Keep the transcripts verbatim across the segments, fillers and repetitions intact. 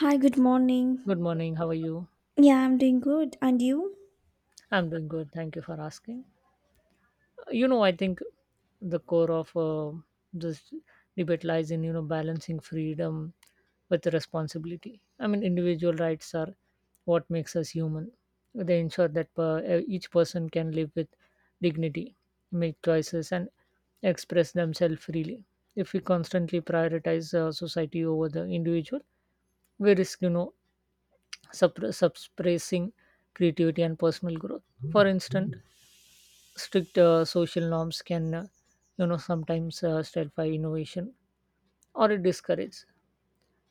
Hi, good morning. Good morning. How are you? Yeah, I'm doing good. And you? I'm doing good. Thank you for asking. You know, I think the core of uh, this debate lies in you know balancing freedom with responsibility. I mean, individual rights are what makes us human. They ensure that per, each person can live with dignity, make choices, and express themselves freely. If we constantly prioritize uh, society over the individual, we risk you know suppress, suppressing creativity and personal growth. For instance, strict uh, social norms can, uh, you know, sometimes uh, stifle innovation or it discourages,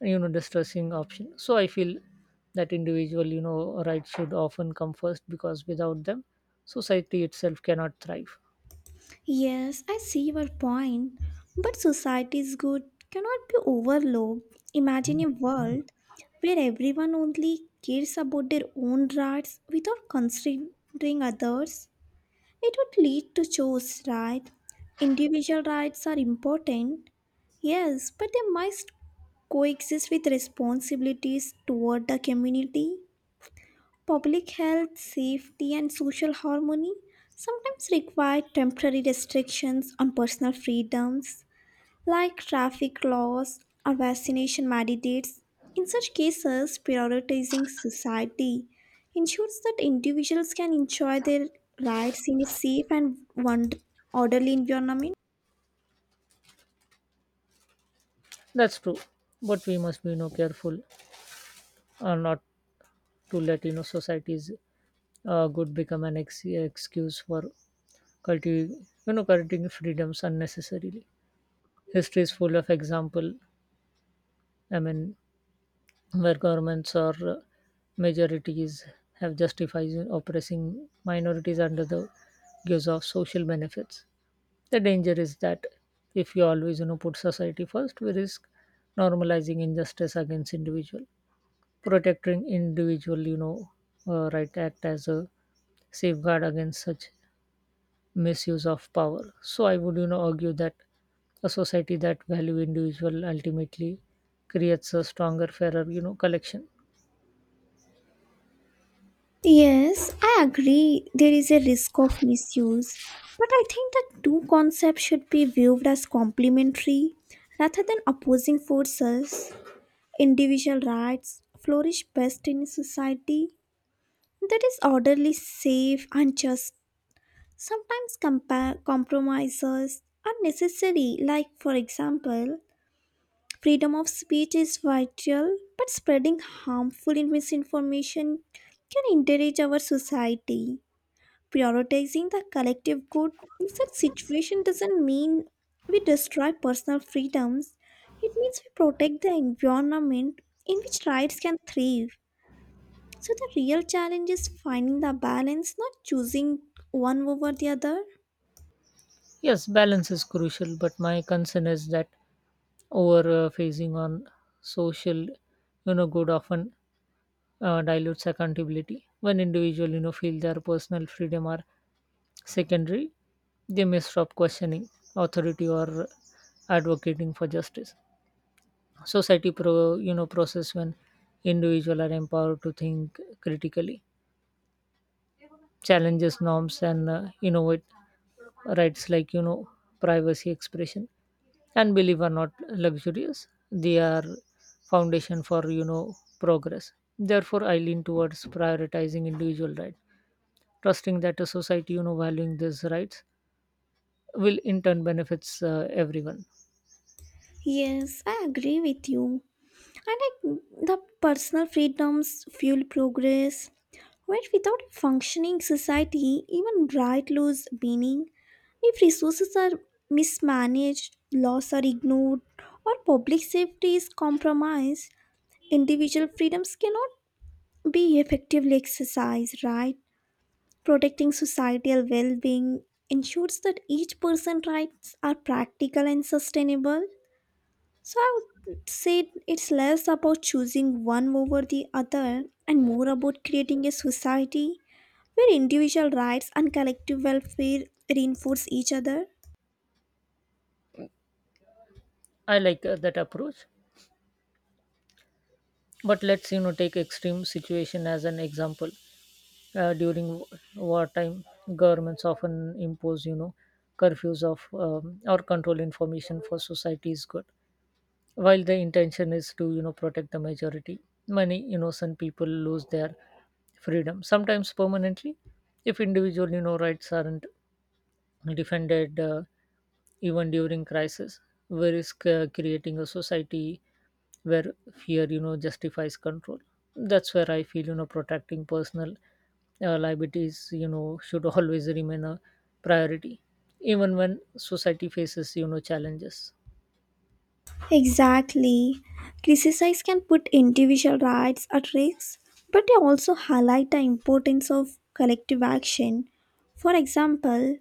you know, distressing option. So I feel that individual, you know, rights should often come first because without them, society itself cannot thrive. Yes, I see your point. But society's good cannot be overlooked. Imagine a world where everyone only cares about their own rights without considering others. It would lead to chaos, right? Individual rights are important, yes, but they must coexist with responsibilities toward the community. Public health, safety, and social harmony sometimes require temporary restrictions on personal freedoms like traffic laws or vaccination mandates. In such cases, prioritizing society ensures that individuals can enjoy their rights in a safe and one- orderly environment. That's true, but we must be, you know, careful uh, not to let, you know, society's uh, good become an ex- excuse for cultivating, you know, cultivating freedoms unnecessarily. History is full of example. I mean, where governments or uh, majorities have justified oppressing minorities under the guise of social benefits. The danger is that if you always you know put society first, we risk normalizing injustice against individual. Protecting individual, you know, uh, right act as a safeguard against such misuse of power. So I would you know argue that a society that value individual ultimately creates a stronger, fairer you know collection. Yes, I agree there is a risk of misuse, but I think the two concepts should be viewed as complementary rather than opposing forces. Individual rights flourish best in a society that is orderly, safe, and just. Sometimes compa- compromises are necessary, like, for example, freedom of speech is vital, but spreading harmful and misinformation can encourage our society. Prioritizing the collective good in such situation doesn't mean we destroy personal freedoms. It means we protect the environment in which rights can thrive. So the real challenge is finding the balance, not choosing one over the other. Yes, balance is crucial, but my concern is that over uh, phasing on social you know good often uh, dilutes accountability. When individual you know feel their personal freedom are secondary, they may stop questioning authority or advocating for justice. Society pro you know process when individuals are empowered to think critically, challenges norms, and uh, innovate. Rights like you know privacy, expression, and believe are not luxurious. They are foundation for you know progress. Therefore, I lean towards prioritizing individual right, trusting that a society you know valuing these rights will in turn benefits uh, everyone. Yes, I agree with you. And like the personal freedoms fuel progress, where without a functioning society, even right lose meaning. If resources are mismanaged, laws are ignored, or public safety is compromised, individual freedoms cannot be effectively exercised, right? Protecting societal well being ensures that each person's rights are practical and sustainable. So I would say it's less about choosing one over the other and more about creating a society where individual rights and collective welfare reinforce each other. I like uh, that approach, but let's you know take extreme situation as an example. Uh, during w- wartime, governments often impose you know curfews of um, or control information for society's good. While the intention is to you know protect the majority, many innocent people lose their freedom, sometimes permanently. If individual you know rights aren't defended uh, even during crisis, where is c- creating a society where fear you know justifies control. That's where I feel you know protecting personal uh, liabilities you know should always remain a priority even when society faces you know challenges. Exactly. Criticize can put individual rights at risk, but they also highlight the importance of collective action. For example,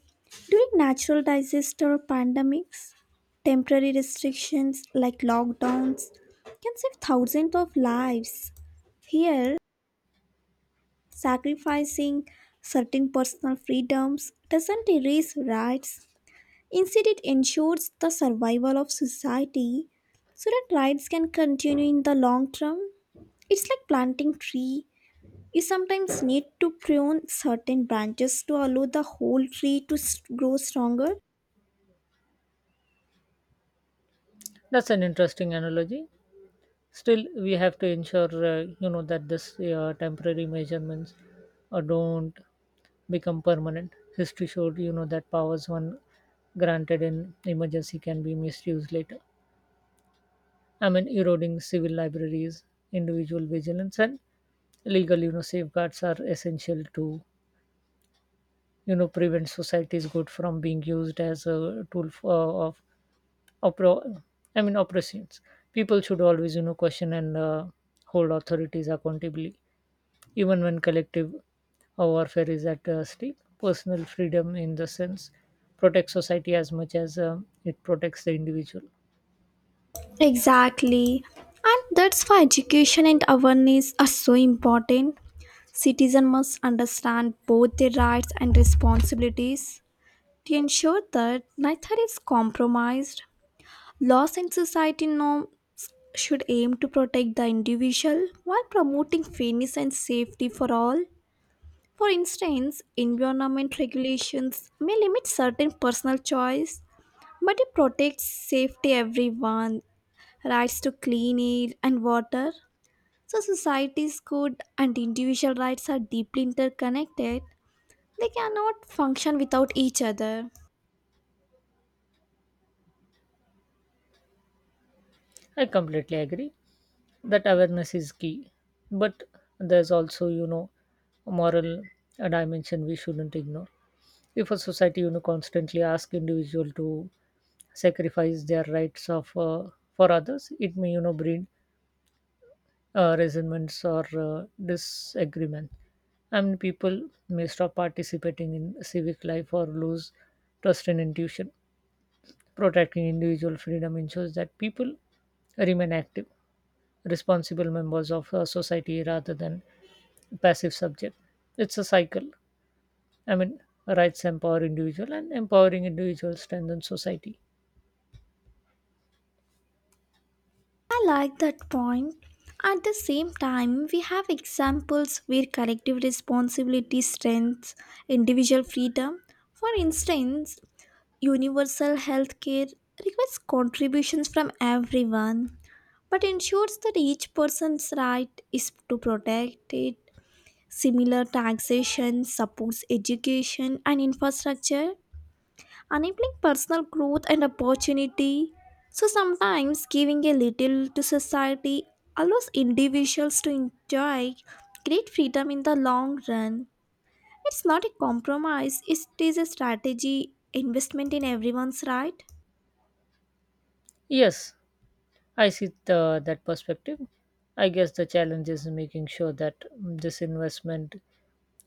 during natural disaster or pandemics, temporary restrictions like lockdowns can save thousands of lives. Here, sacrificing certain personal freedoms doesn't erase rights. Instead, it ensures the survival of society so that rights can continue in the long term. It's like planting tree. You sometimes need to prune certain branches to allow the whole tree to s- grow stronger. That's an interesting analogy. Still, we have to ensure uh, you know that this uh, temporary measurements uh, don't become permanent. History showed you know that powers one granted in emergency can be misused later. I mean, eroding civil libraries, individual vigilance, and legal you know safeguards are essential to you know prevent society's good from being used as a tool for, of oppro- I mean oppressions. People should always you know question and uh, hold authorities accountable. Even when collective warfare is at uh, stake, personal freedom, in the sense, protects society as much as um, it protects the individual. Exactly. And that's why education and awareness are so important. Citizens must understand both their rights and responsibilities, to ensure that neither is compromised. Laws and society norms should aim to protect the individual while promoting fairness and safety for all. For instance, environment regulations may limit certain personal choice, but it protects safety everyone, rights to clean air and water. So society's good and individual rights are deeply interconnected. They cannot function without each other. I completely agree that awareness is key, but there's also, you know, a moral uh, dimension we shouldn't ignore. If a society, you know, constantly asks individual to sacrifice their rights of uh, for others, it may, you know, breed uh, resentments or uh, disagreements. And people may stop participating in civic life or lose trust in institution. Protecting individual freedom ensures that people remain active, responsible members of uh, society rather than passive subject. It's a cycle. I mean, rights empower individual and empowering individuals strengthen society. I like that point. At the same time, we have examples where collective responsibility strengthens individual freedom. For instance, universal health care requires contributions from everyone, but ensures that each person's right is to protect it. Similar taxation supports education and infrastructure, enabling personal growth and opportunity. So sometimes giving a little to society allows individuals to enjoy great freedom in the long run. It's not a compromise, it is a strategy investment in everyone's right. Yes, I see the, that perspective. I guess the challenge is making sure that mm, this investment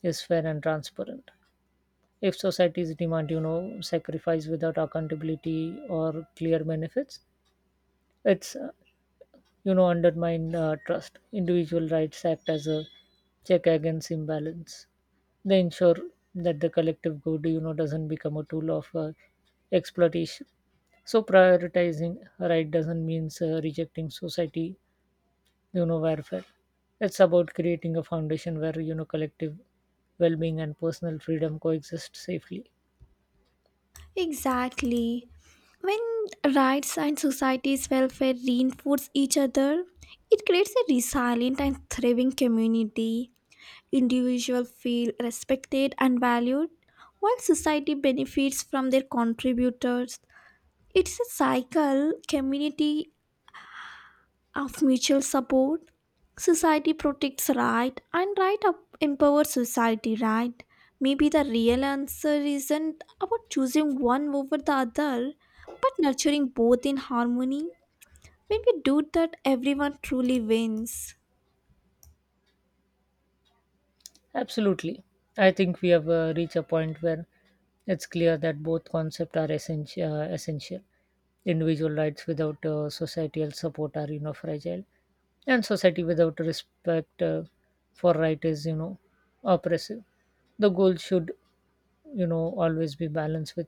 is fair and transparent. If societies demand, you know, sacrifice without accountability or clear benefits, it's, uh, you know, undermine uh, trust. Individual rights act as a check against imbalance. They ensure that the collective good, you know, doesn't become a tool of uh, exploitation. So prioritizing right doesn't mean uh, rejecting society, you know, welfare. It's about creating a foundation where you know collective well-being and personal freedom coexist safely. Exactly. When rights and society's welfare reinforce each other, it creates a resilient and thriving community. Individuals feel respected and valued, while society benefits from their contributors. It's a cycle community of mutual support. Society protects right and right up empowers society, right? Maybe the real answer isn't about choosing one over the other, but nurturing both in harmony. When we do that, everyone truly wins. Absolutely. I think we have uh, reached a point where it's clear that both concepts are essential. Uh, essential. Individual rights without uh, societal support are, you know, fragile, and society without respect uh, for right is, you know, oppressive. The goal should you know always be balanced with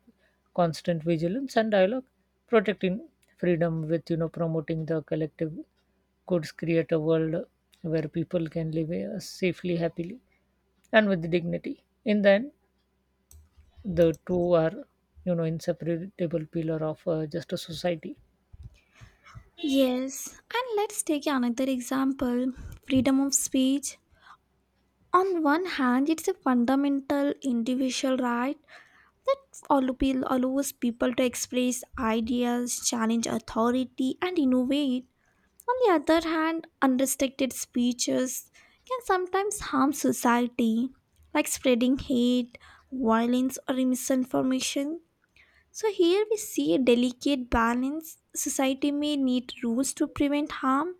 constant vigilance and dialogue, protecting freedom with you know promoting the collective goods, create a world where people can live uh, safely, happily, and with dignity. In the end, the two are you know inseparable pillar of uh, just a society. Yes, and let's take another example, freedom of speech. On one hand, it's a fundamental individual right that allo- pe- allows people to express ideas, challenge authority, and innovate. On the other hand, unrestricted speeches can sometimes harm society, like spreading hate, violence, or misinformation. So here we see a delicate balance. Society may need rules to prevent harm,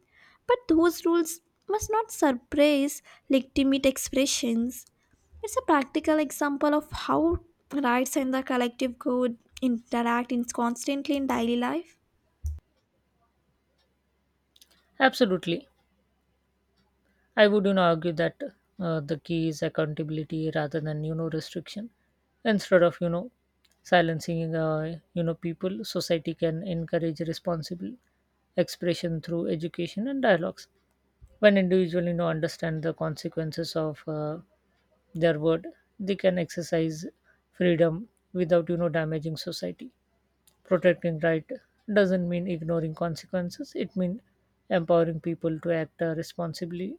but those rules must not suppress legitimate expressions. It's a practical example of how rights and the collective good interact in constantly in daily life. Absolutely. I wouldn't argue that uh, the key is accountability rather than you know restriction. Instead of you know silencing uh, you know people, society can encourage responsible expression through education and dialogues. When individuals you know understand the consequences of uh, their word, they can exercise freedom without you know damaging society. Protecting right doesn't mean ignoring consequences. It means empowering people to act uh, responsibly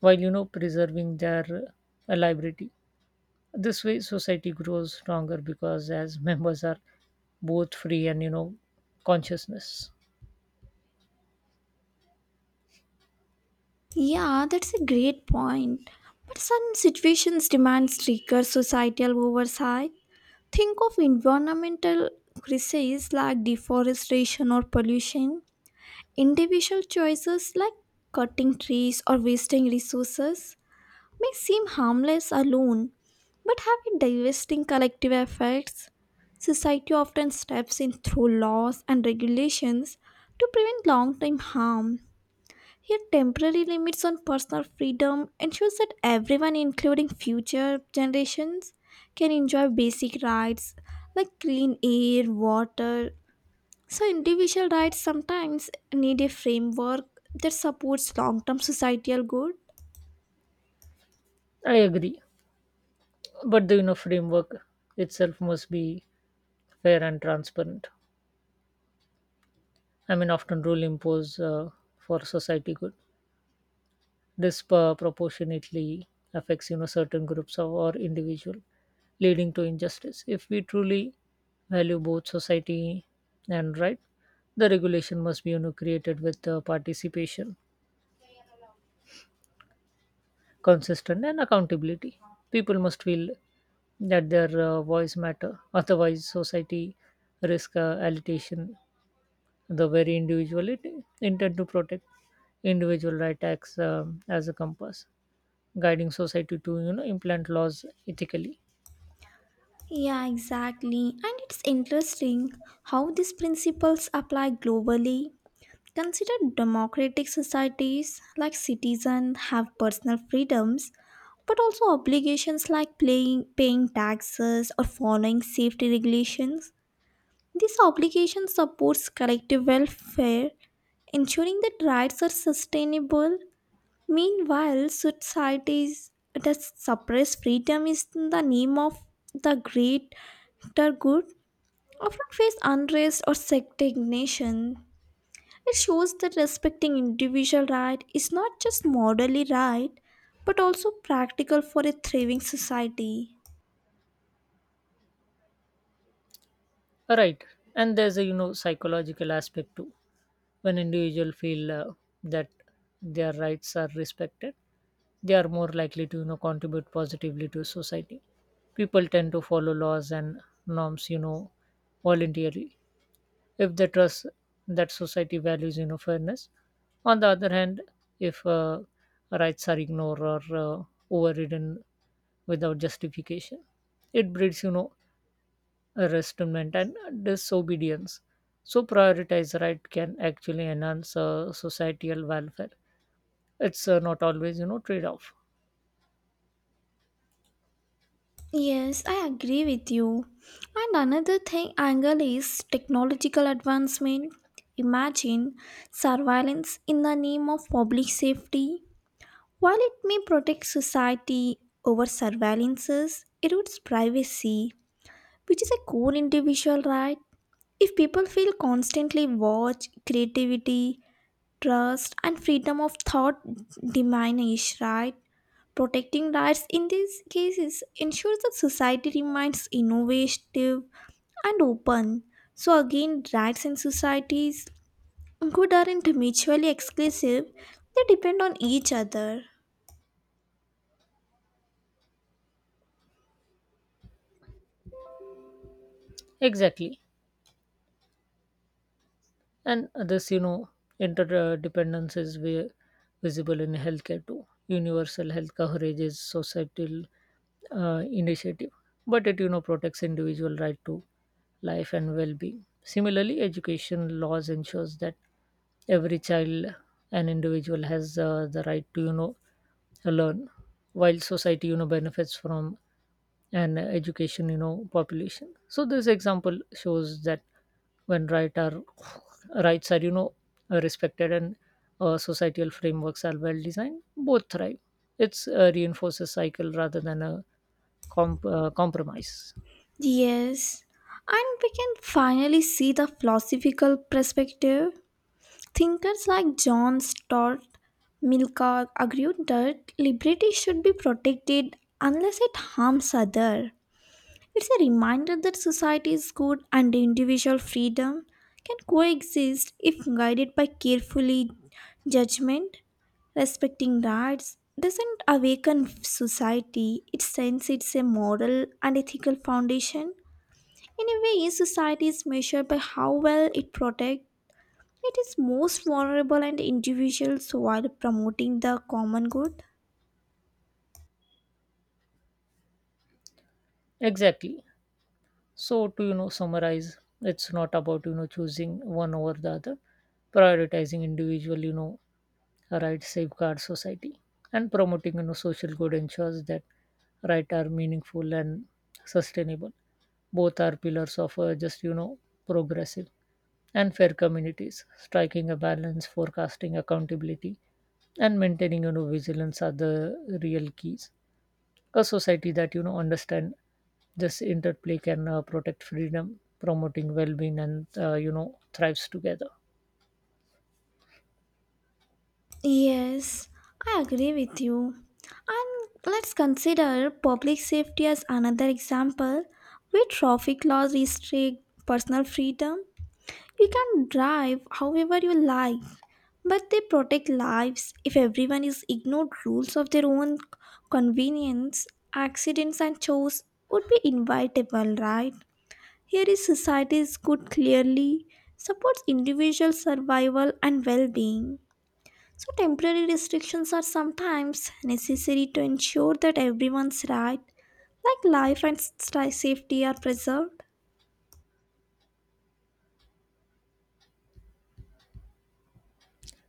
while you know preserving their uh, liability. This way, society grows stronger because as members are both free and you know consciousness. Yeah, that's a great point. But some situations demand stricter societal oversight. Think of environmental crises like deforestation or pollution. Individual choices like cutting trees or wasting resources may seem harmless alone, but have a devastating collective effects. Society often steps in through laws and regulations to prevent long term harm. Here, temporary limits on personal freedom ensures that everyone, including future generations, can enjoy basic rights like clean air, water, so, individual rights sometimes need a framework that supports long term societal good. I agree, but the you know framework itself must be fair and transparent. I mean, often rule impose uh, for society good. This uh, proportionately affects you know certain groups of, or individual, leading to injustice. If we truly value both society and right, the regulation must be you know created with uh, participation, consistent, and accountability. People must feel that their uh, voice matter. Otherwise, society risk uh, allocation the very individual it intend to protect. Individual right acts um, as a compass guiding society to you know implant laws ethically. Yeah, exactly. And it's interesting how these principles apply globally. Consider democratic societies like citizens have personal freedoms but also obligations like playing, paying taxes or following safety regulations. This obligation supports collective welfare, ensuring that rights are sustainable. Meanwhile, societies that suppress freedom is in the name of the greater good often face unrest or stagnation. It shows that respecting individual right is not just morally right, but also practical for a thriving society. Right. And there's a you know psychological aspect too. When individuals feel uh, that their rights are respected, they are more likely to you know contribute positively to society. People tend to follow laws and norms you know voluntarily if they trust that society values you know fairness. On the other hand, if uh, rights are ignored or uh, overridden without justification, it breeds you know a resentment and disobedience. So prioritize right can actually enhance uh, societal welfare. It's uh, not always you know trade off. Yes, I agree with you. And another thing angle is technological advancement. Imagine surveillance in the name of public safety. While it may protect society over surveillances, erodes privacy, which is a core individual right. If people feel constantly watched, creativity, trust, and freedom of thought diminish, right? Protecting rights in these cases ensures that society remains innovative and open. So again, rights in societies good aren't mutually exclusive; they depend on each other. Exactly. And this you know interdependence is vi- visible in healthcare too. Universal health coverage is societal uh, initiative, but it you know protects individual right to life and well-being. Similarly, education laws ensures that every child and individual has uh, the right to you know learn, while society you know benefits from an education you know population. So this example shows that when right are rights are you know uh, respected and uh, societal frameworks are well designed, both thrive. It's a reinforces cycle rather than a comp- uh, compromise. Yes, and we can finally see the philosophical perspective. Thinkers like John Stott, Milka argued that liberty should be protected unless it harms others. It's a reminder that society's good and individual freedom can coexist if guided by carefully judgment, respecting rights doesn't awaken society. It sends it's a moral and ethical foundation in a way, society is measured by how well it protects its most vulnerable and individuals while promoting the common good. Exactly. So to you know summarize, it's not about you know choosing one over the other. Prioritizing individual you know right safeguards society, and promoting you know social good ensures that right are meaningful and sustainable. Both are pillars of a just, you know progressive, and fair communities. Striking a balance, forecasting accountability, and maintaining you know vigilance are the real keys. A society that you know understand this interplay can uh, protect freedom, promoting well-being, and uh, you know thrives together. Yes, I agree with you. And let's consider public safety as another example where traffic laws restrict personal freedom. You can drive however you like, but they protect lives. If everyone is ignored rules of their own convenience, accidents and chores would be inevitable, right? Here is society's good clearly supports individual survival and well-being. So temporary restrictions are sometimes necessary to ensure that everyone's right, like life and st- safety are preserved.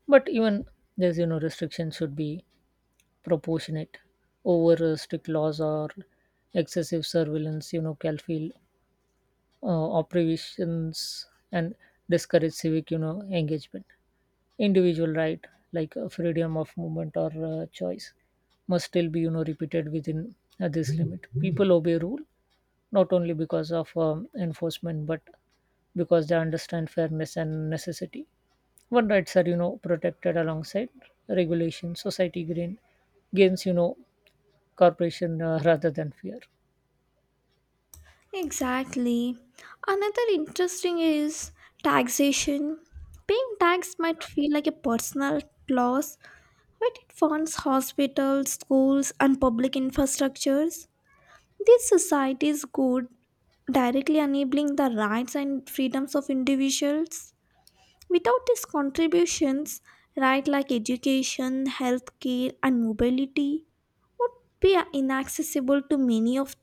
But even there's you know restrictions should be proportionate. Over uh, strict laws or excessive surveillance you know can feel uh, operations and discourage civic you know engagement. Individual right like uh, freedom of movement or uh, choice must still be you know repeated within uh, this limit. People obey rule not only because of um, enforcement but because they understand fairness and necessity. When rights are you know protected alongside regulation, society gain, gains you know corporation uh, rather than fear. Exactly. Another interesting is taxation. Paying tax might feel like a personal loss, but it funds hospitals, schools, and public infrastructures. This society is good, directly enabling the rights and freedoms of individuals. Without these contributions, rights like education, healthcare, and mobility would be inaccessible to many of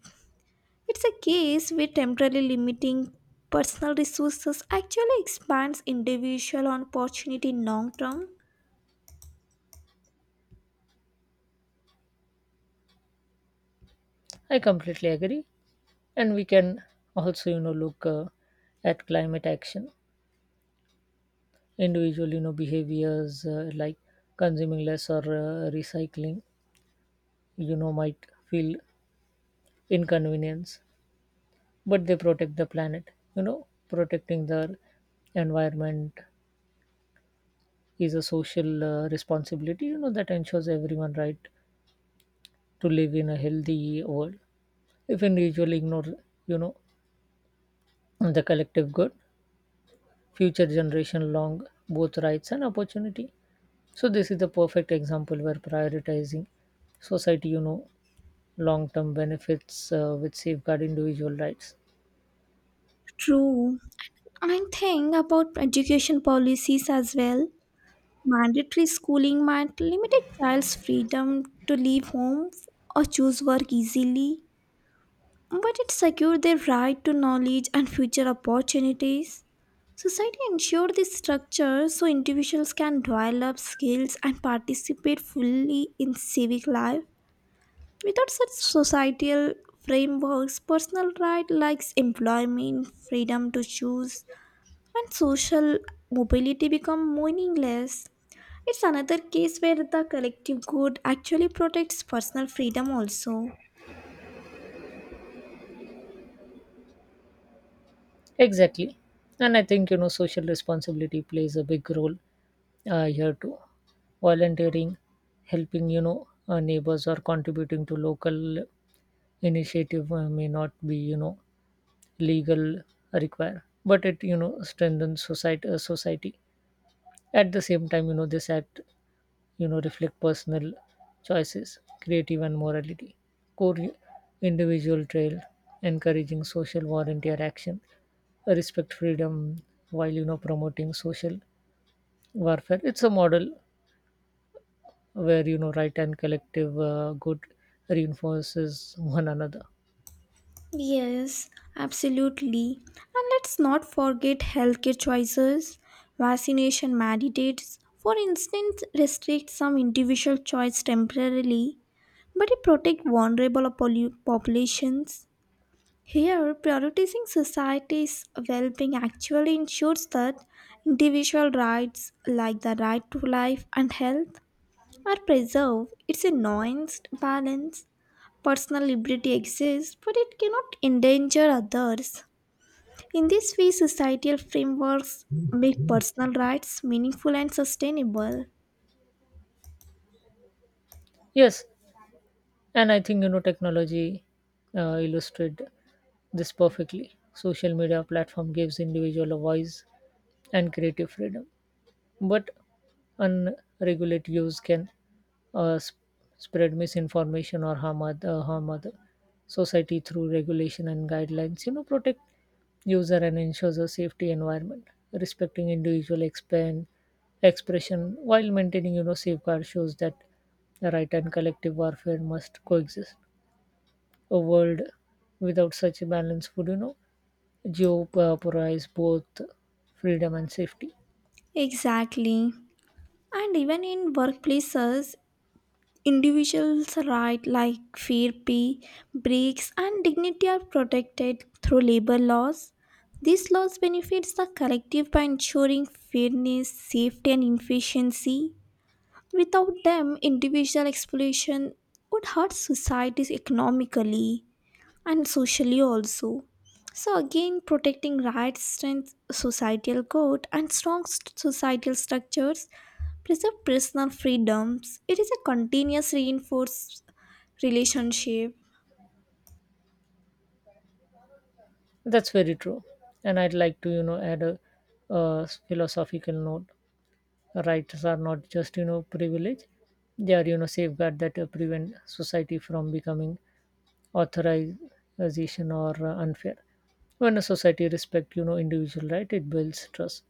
it's a case where temporarily limiting personal resources actually expands individual opportunity in long term. I completely agree, and we can also you know look uh, at climate action. Individual you know behaviors uh, like consuming less or uh, recycling you know might feel inconvenience, but they protect the planet. You know, protecting the environment is a social uh, responsibility. You know that ensures everyone right to live in a healthy world. If individual ignore you know the collective good, future generation long both rights and opportunity. So this is the perfect example where prioritizing society you know long term benefits uh, which safeguard individual rights. True. I think about education policies as well. Mandatory schooling might limit a child's freedom to leave home or choose work easily, but it secured their right to knowledge and future opportunities. Society ensured this structure so individuals can develop skills and participate fully in civic life. Without such societal frameworks, personal rights like employment, freedom to choose, and social mobility become meaningless. It's another case where the collective good actually protects personal freedom, also. Exactly. And I think you know social responsibility plays a big role uh, here too. Volunteering, helping you know uh, neighbors, or contributing to local initiative uh, may not be you know legal require, but it you know strengthens society uh, society. At the same time, you know, this act, you know, reflect personal choices, creative and morality, core individual trail, encouraging social volunteer action, respect freedom while, you know, promoting social warfare. It's a model where, you know, right and collective uh, good reinforces one another. Yes, absolutely. And let's not forget healthcare choices. Vaccination mandates, for instance, restrict some individual choice temporarily, but it protects vulnerable popul- populations. Here, prioritizing society's well being actually ensures that individual rights like the right to life and health are preserved. It's a nuanced balance. Personal liberty exists, but it cannot endanger others. In this way, societal frameworks make personal rights meaningful and sustainable. Yes, and I think you know technology uh, illustrated this perfectly. Social media platform gives individual a voice and creative freedom, but unregulated use can uh, sp- spread misinformation or harm other, harm other society through regulation and guidelines. You know, protect user and ensures a safety environment. Respecting individual expand expression while maintaining you know safeguard shows that the right and collective warfare must coexist. A world without such a balance would you know jeopardize both freedom and safety. Exactly. And even in workplaces, individuals' rights like fair pay, breaks, and dignity are protected through labor laws. These laws benefits the collective by ensuring fairness, safety, and efficiency. Without them, individual exploitation would hurt societies economically and socially also. So again, protecting rights strengthens societal code and strong st- societal structures preserve personal freedoms. It is a continuous reinforced relationship. That's very true. And I'd like to, you know, add a, a philosophical note. Rights are not just, you know, privilege. They are, you know, safeguard that uh, prevent society from becoming authorization or uh, unfair. When a society respect, you know, individual right, it builds trust,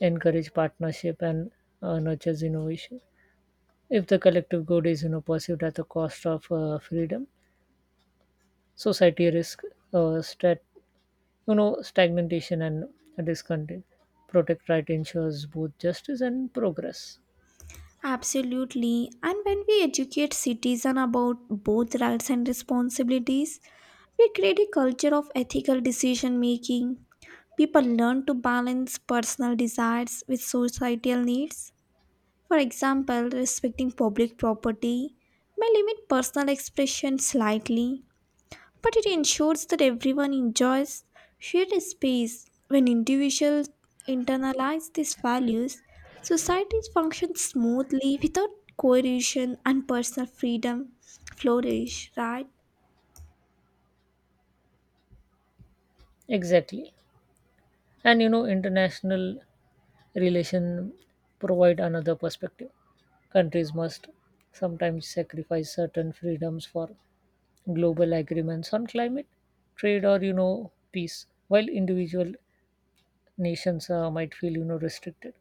encourage partnership, and uh, nurtures innovation. If the collective good is, you know, perceived at the cost of uh, freedom, society risk uh, strat you know stagnation and discontent. Protect right ensures both justice and progress. Absolutely. And when we educate citizens about both rights and responsibilities, we create a culture of ethical decision making. People learn to balance personal desires with societal needs. For example, respecting public property may limit personal expression slightly, but it ensures that everyone enjoys shared space. When individuals internalize these values, societies function smoothly without coercion and personal freedom flourish, right? Exactly. And you know international relation provide another perspective. Countries must sometimes sacrifice certain freedoms for global agreements on climate, trade, or you know peace. While individual nations uh, might feel you know restricted,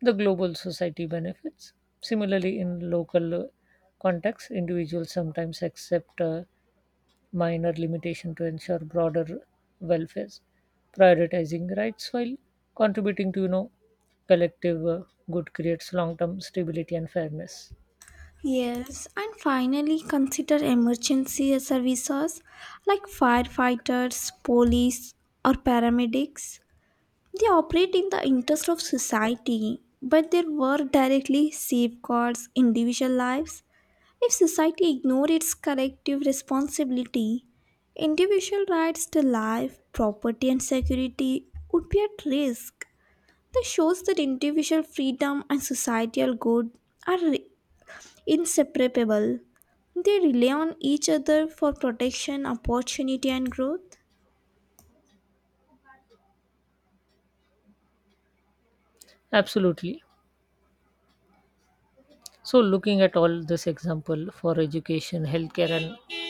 the global society benefits. Similarly, in local uh, contexts, individuals sometimes accept uh, minor limitation to ensure broader welfare. Prioritizing rights while contributing to you know collective uh, good creates long term stability and fairness. Yes, and finally consider emergency services like firefighters, police, or paramedics. They operate in the interest of society, but their work directly safeguards individual lives. If society ignores its collective responsibility, individual rights to life, property, and security would be at risk. This shows that individual freedom and societal good are re- inseparable. They rely on each other for protection, opportunity, and growth. Absolutely. So looking at all this example, for education, healthcare, and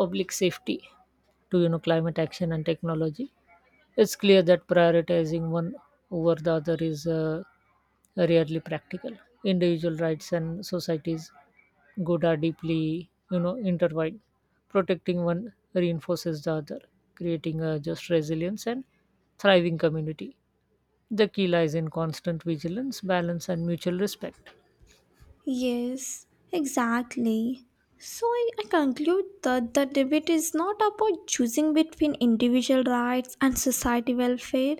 public safety to you know climate action and technology, it's clear that prioritizing one over the other is uh, rarely practical. Individual rights and society's good are deeply, you know, intertwined. Protecting one reinforces the other, creating a just, resilience, and thriving community. The key lies in constant vigilance, balance, and mutual respect. Yes, exactly. So I, I conclude that the debate is not about choosing between individual rights and society welfare.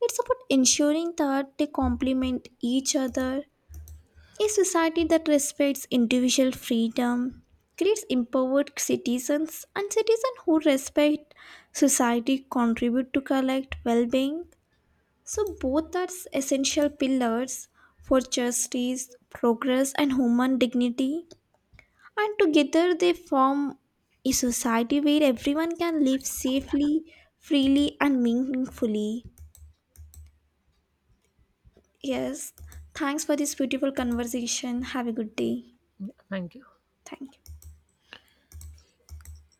It's about ensuring that they complement each other. A society that respects individual freedom creates empowered citizens, and citizens who respect society contribute to collect well being. So, both are essential pillars for justice, progress, and human dignity. And together, they form a society where everyone can live safely, freely, and meaningfully. Yes, thanks for this beautiful conversation. Have a good day. Yeah, thank you. Thank you.